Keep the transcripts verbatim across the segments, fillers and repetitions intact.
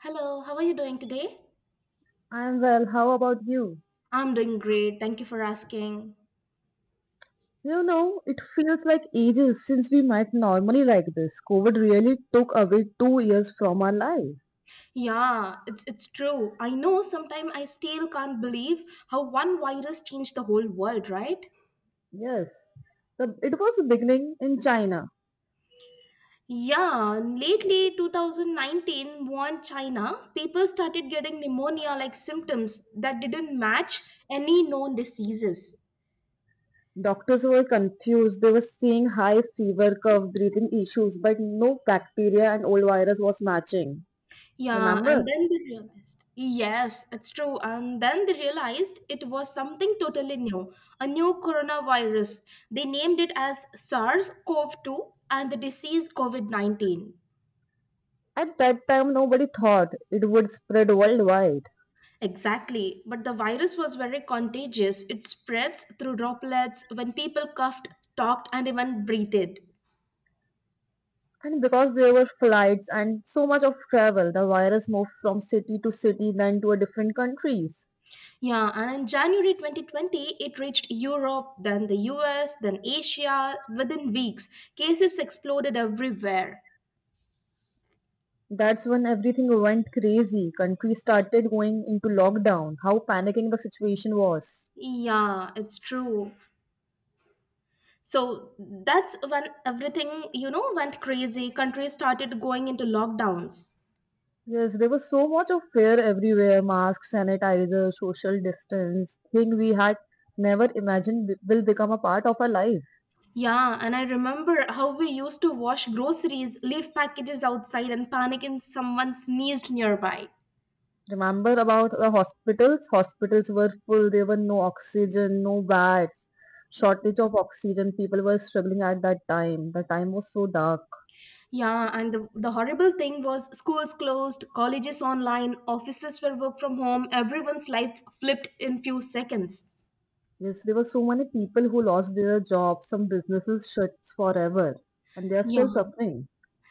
Hello, how are you doing today? I'm well. How about you? I'm doing great. Thank you for asking. You know, it feels like ages since we met normally like this. COVID really took away two years from our life. Yeah, it's it's true. I know sometimes I still can't believe how one virus changed the whole world, right? Yes, the, it was beginning in China. Yeah, lately two thousand nineteen Wuhan, China, people started getting pneumonia like symptoms that didn't match any known diseases. Doctors were confused. They were seeing high fever curve, breathing issues, but no bacteria and old virus was matching. Yeah, Remember? and then they realized. Yes, it's true. And then they realized it was something totally new, a new coronavirus. They named it as SARS CoV two and the disease COVID nineteen. At that time, nobody thought it would spread worldwide. Exactly. But the virus was very contagious. It spreads through droplets when people coughed, talked, and even breathed. And because there were flights and so much of travel, the virus moved from city to city, then to a different countries. Yeah, and in January twenty twenty, it reached Europe, then the U S, then Asia. Within weeks, cases exploded everywhere. That's when everything went crazy. Countries started going into lockdown. How panicking the situation was. Yeah, it's true. So that's when everything, you know, went crazy. Countries started going into lockdowns. Yes, there was so much of fear everywhere. Masks, sanitizer, social distance, thing we had never imagined be- will become a part of our life. Yeah, and I remember how we used to wash groceries, leave packages outside, and panic if someone sneezed nearby. Remember about the hospitals hospitals were full, there were no oxygen, no beds, shortage of oxygen, people were struggling at that time. The time was so dark. Yeah, and the, the horrible thing was schools closed, colleges online, offices were work from home, everyone's life flipped in few seconds. Yes, there were so many people who lost their jobs, some businesses shut forever, and they are Yeah. still suffering.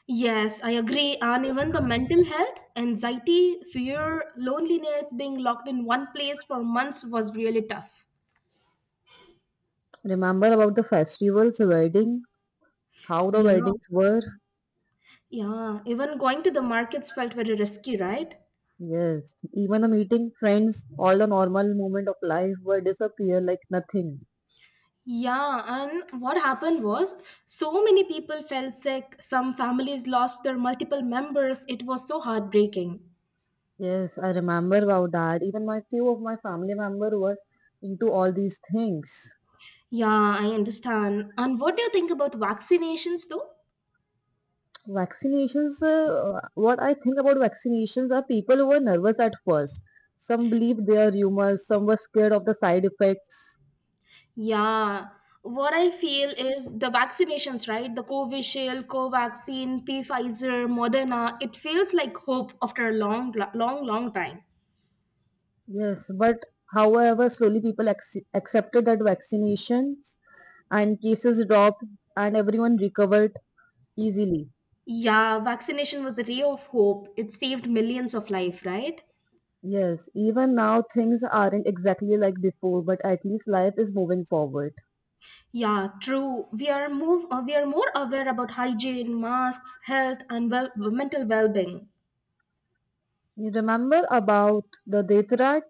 Yes, I agree. And even the mental health, anxiety, fear, loneliness, being locked in one place for months was really tough. Remember about the festivals, wedding, how the Yeah, weddings were? yeah. Even going to the markets felt very risky, right? Yes, even the meeting friends, all the normal moment of life were disappear like nothing. Yeah, and what happened was so many people fell sick. Some families lost their multiple members. It was so heartbreaking. Yes, I remember about that. Even my few of my family member were into all these things. Yeah, I understand. And what do you think about vaccinations, though? Vaccinations, uh, what I think about vaccinations are people who were nervous at first. Some believed their rumors, some were scared of the side effects. Yeah, what I feel is the vaccinations, right? The Covishield, Covaxin, P Pfizer, Moderna. It feels like hope after a long, long, long time. Yes, but however, slowly people ac- accepted that vaccinations, and cases dropped, and everyone recovered easily. Yeah, vaccination was a ray of hope. It saved millions of life, right? Yes, even now things aren't exactly like before, but at least life is moving forward. Yeah, true. We are move. Uh, we are more aware about hygiene, masks, health, and well, mental well-being. You remember about the Detirat?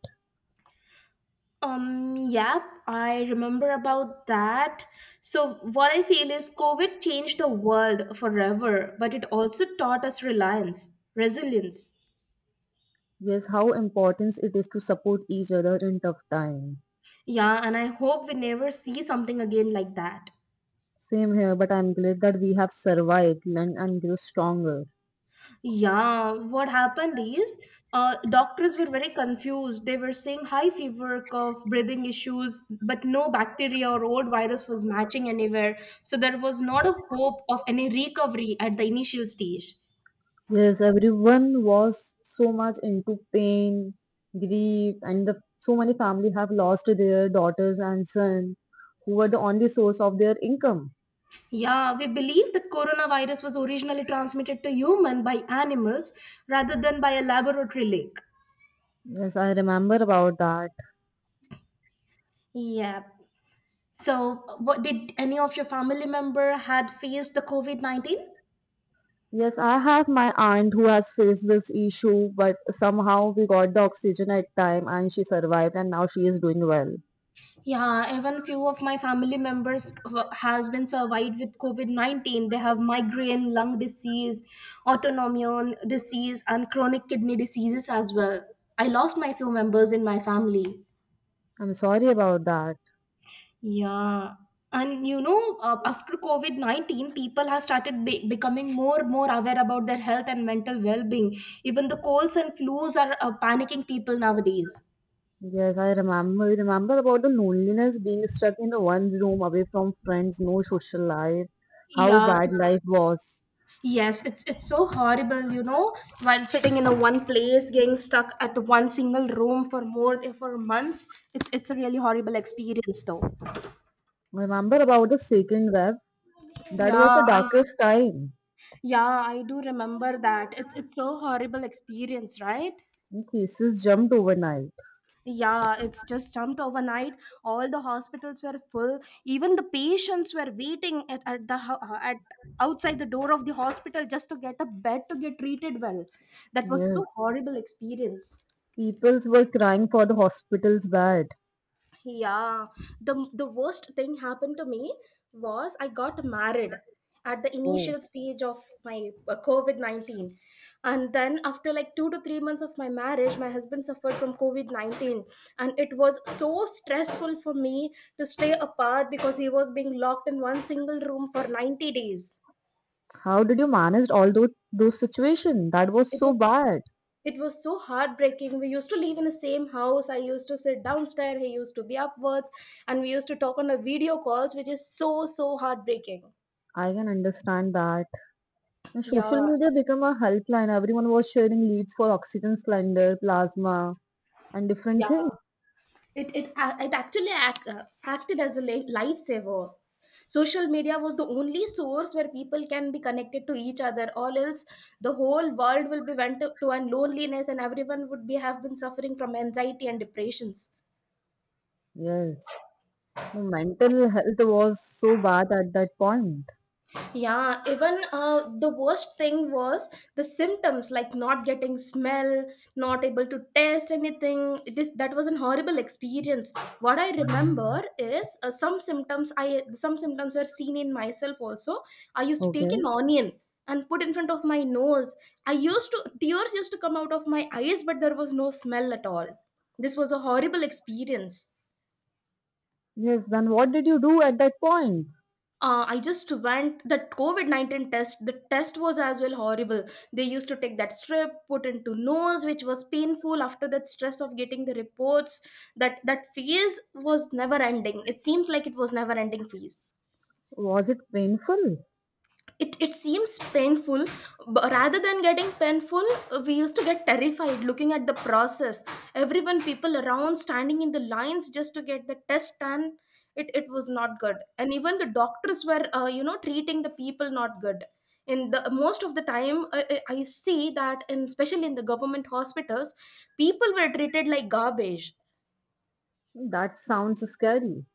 Um, yep, I remember about that. So, what I feel is COVID changed the world forever, but it also taught us reliance, resilience. Yes, how important it is to support each other in tough time. Yeah, and I hope we never see something again like that. Same here, but I'm glad that we have survived, learned, and grew stronger. Yeah, what happened is uh, doctors were very confused. They were saying high fever, cough, breathing issues, but no bacteria or old virus was matching anywhere. So, there was not a hope of any recovery at the initial stage. Yes, everyone was so much into pain, grief, and the, so many families have lost their daughters and son, who were the only source of their income. Yeah, we believe that coronavirus was originally transmitted to human by animals rather than by a laboratory leak. Yes, I remember about that. Yeah. So, what did any of your family member had faced the COVID nineteen? Yes, I have my aunt who has faced this issue, but somehow we got the oxygen at time and she survived and now she is doing well. Yeah, even few of my family members who- has been survived with COVID nineteen. They have migraine, lung disease, autoimmune disease, and chronic kidney diseases as well. I lost my few members in my family. I'm sorry about that. Yeah, and you know, uh, after COVID nineteen, people have started be becoming more more aware about their health and mental well-being. Even the colds and flus are uh, panicking people nowadays. Yes, I remember remember about the loneliness, being stuck in the one room away from friends, no social life, how Yeah, bad life was. yes, it's it's so horrible, you know, while sitting in a one place, getting stuck at one single room for more than for months. It's it's a really horrible experience, though. Remember about the second wave? That Yeah, was the I darkest time. yeah, I do remember that. It's it's so horrible experience, right? Cases jumped overnight. Yeah, it's just jumped overnight. All the hospitals were full. Even the patients were waiting at, at the ho- uh, at outside the door of the hospital just to get a bed to get treated well. That was Yes. so horrible experience. People were crying for the hospital's bed. Yeah, the the worst thing happened to me was I got married at the Oh, initial stage of my uh, COVID nineteen. And then, after like two to three months of my marriage, my husband suffered from COVID nineteen. And it was so stressful for me to stay apart because he was being locked in one single room for ninety days. how did you manage all those those situations? That was It so was bad. it was so heartbreaking. We used to live in the same house. I used to sit downstairs, he used to be upwards, and we used to talk on the video calls, which is so so heartbreaking. I can understand that. And social Yeah, media became a helpline. Everyone was sharing leads for oxygen cylinder, plasma, and different things. yeah, it it, a- it actually act, uh, acted as a li- lifesaver. Social media was the only source where people can be connected to each other, or else the whole world will be went to, to an loneliness, and everyone would be have been suffering from anxiety and depressions. Yes. The mental health was so bad at that point. Yeah, even uh, the worst thing was the symptoms like not getting smell, not able to taste anything. This that was an horrible experience. What I remember is uh, some symptoms I some symptoms were seen in myself also. I used to take Okay. an onion and put in front of my nose. I used to tears used to come out of my eyes, but there was no smell at all. This was a horrible experience. Yes, then what did you do at that point? Uh, I just went that COVID nineteen test. The test was as well horrible. They used to take that strip, put into nose, which was painful after that stress of getting the reports. That that phase was never ending. It seems like it was never ending phase. Was it painful? It, it seems painful, but rather than getting painful, we used to get terrified looking at the process. Everyone People around standing in the lines just to get the test done. It, it was not good, and even the doctors were uh, you know treating the people not good in the most of the time. uh, i I see that in especially in the government hospitals, people were treated like garbage. That sounds scary.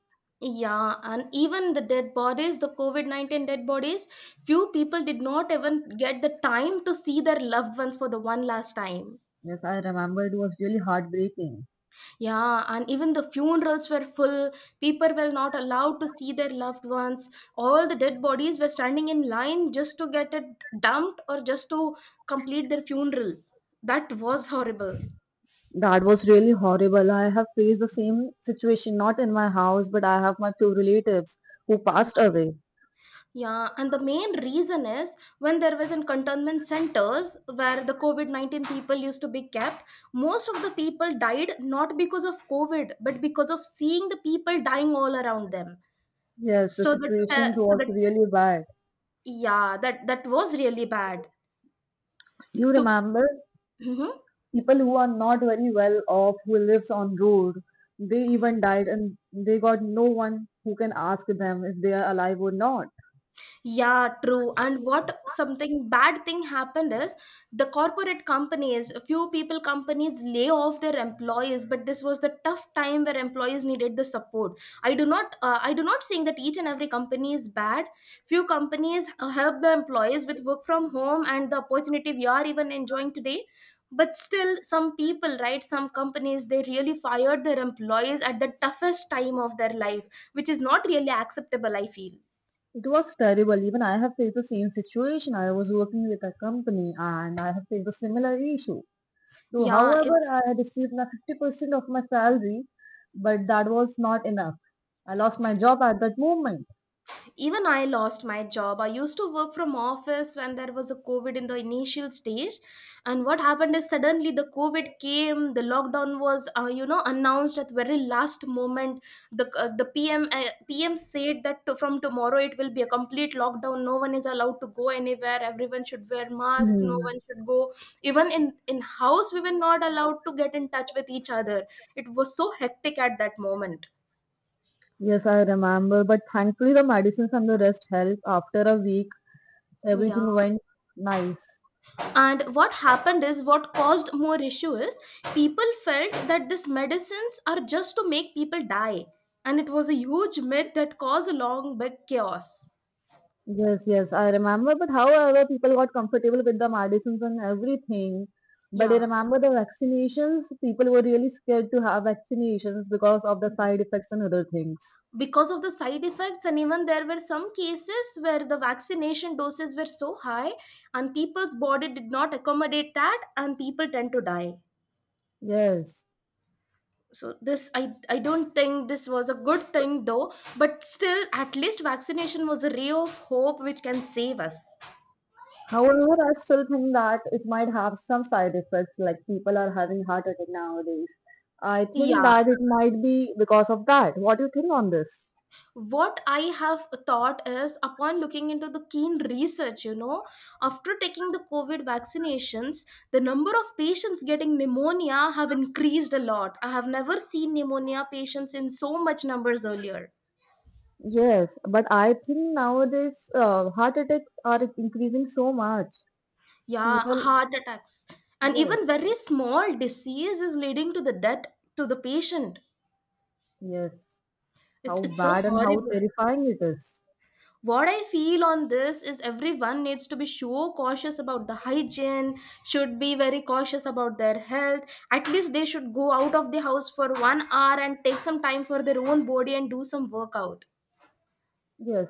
Yeah, and even the dead bodies, the COVID nineteen dead bodies, few people did not even get the time to see their loved ones for the one last time. Yes, I remember, it was really heartbreaking. Yeah, and even the funerals were full. People were not allowed to see their loved ones. All the dead bodies were standing in line just to get it dumped or just to complete their funeral. That was horrible. That was really horrible. I have faced the same situation, not in my house, but I have my two relatives who passed Yeah. away. Yeah, and the main reason is when there was in containment centers where the COVID nineteen people used to be kept, most of the people died not because of COVID, but because of seeing the people dying all around them. Yes, the So that, uh, situations so was that, really bad. yeah, that that was really bad. You So, remember mhm. people who are not very well off, who lives on road, they even died and they got no one who can ask them if they are alive or not. Yeah, true. And what something bad thing happened is the corporate companies, few people companies lay off their employees, but this was the tough time where employees needed the support. I do not, uh, I do not saying that each and every company is bad. Few companies uh, help the employees with work from home and the opportunity we are even enjoying today. But still, some people, right? Some companies they really fired their employees at the toughest time of their life, which is not really acceptable. I feel. It was terrible. Even I have faced the same situation. I was working with a company and I have faced a similar issue. So, Yeah, it however, I had received my fifty percent of my salary, but that was not enough. I lost my job at that moment. even I lost my job. I used to work from office when there was a covid in the initial stage, and what happened is suddenly the covid came. The lockdown was uh, you know announced at very last moment. The uh, the pm uh, P M said that to, from tomorrow it will be a complete lockdown. No one is allowed to go anywhere. Everyone should wear mask. No one Hmm. should go. Even in in house we were not allowed to get in touch with each other. It was so hectic at that moment. Yes, I remember. But thankfully, the medicines and the rest helped. After a week, everything Yeah. went nice. And what happened is, what caused more issue is, people felt that these medicines are just to make people die. And it was a huge myth that caused a long, big chaos. Yes, yes, I remember. But however, people got comfortable with the medicines and everything. But I Yeah. remember the vaccinations, people were really scared to have vaccinations because of the side effects and other things. Because of the side effects, and even there were some cases where the vaccination doses were so high, and people's body did not accommodate that, and people tend to die. Yes. So this, I, I don't think this was a good thing though, but still, at least vaccination was a ray of hope which can save us. However, I still think that it might have some side effects, like people are having heart attack nowadays. I think Yeah, that it might be because of that. What do you think on this? what I have thought is upon looking into the keen research, you know after taking the covid vaccinations, the number of patients getting pneumonia have increased a lot. I have never seen pneumonia patients in so much numbers earlier. Yes, but I think nowadays uh, heart attacks are increasing so much. Yeah, People, heart attacks, and yes, even very small disease is leading to the death to the patient. yes, it's how it's so bad and how horrible. terrifying it is. What I feel on this is everyone needs to be sure cautious about the hygiene, should be very cautious about their health. At least they should go out of the house for one hour and take some time for their own body and do some workout. Yes.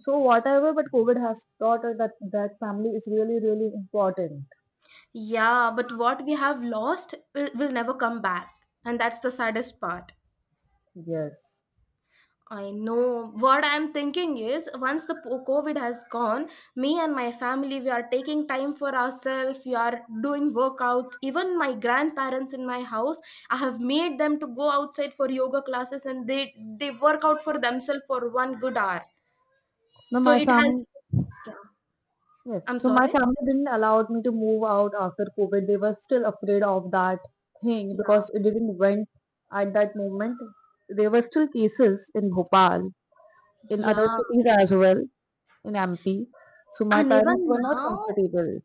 So whatever, but COVID has taught us that that family is really, really important. Yeah, but what we have lost will, will never come back, and that's the saddest part. Yes. I know what I'm thinking is once the po- COVID has gone, me and my family, we are taking time for ourselves. We are doing workouts. Even my grandparents in my house, I have made them to go outside for yoga classes and they, they work out for themselves for one good hour. No, So my it has, family. yeah, Yes. I'm So my sorry. family didn't allow me to move out after COVID. They were still afraid of that thing Yeah. because it didn't went at that moment. There were still cases in Bhopal, in other Yeah. cities as well, in M P. So my And parents even were not now, comfortable.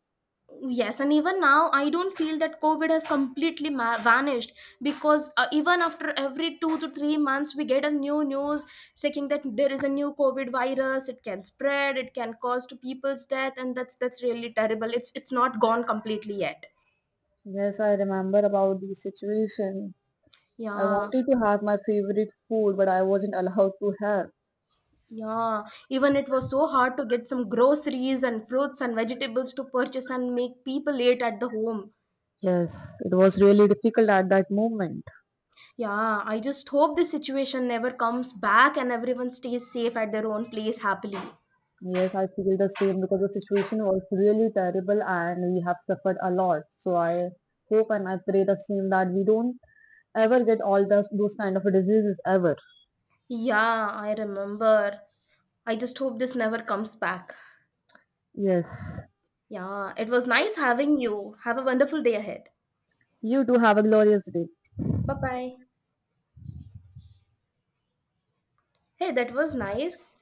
Yes, and even now, I don't feel that COVID has completely ma- vanished because uh, even after every two to three months, we get a new news checking that there is a new COVID virus. It can spread, it can cause to people's death, and that's that's really terrible. It's it's not gone completely yet. Yes, I remember about the situation. I Yeah, wanted to have my favorite food, but I wasn't allowed to have. yeah. Even it was so hard to get some groceries and fruits and vegetables to purchase and make people eat at the home. Yes, it was really difficult at that moment. Yeah, I just hope this situation never comes back and everyone stays safe at their own place happily. Yes, I feel the same because the situation was really terrible and we have suffered a lot. So I hope and I pray the same that we don't ever get all those, those kind of diseases ever. Yeah, I remember. I just hope this never comes back. Yes, Yeah, it was nice having you. Have a wonderful day ahead. you do have a glorious day. Bye bye. Hey, that was nice.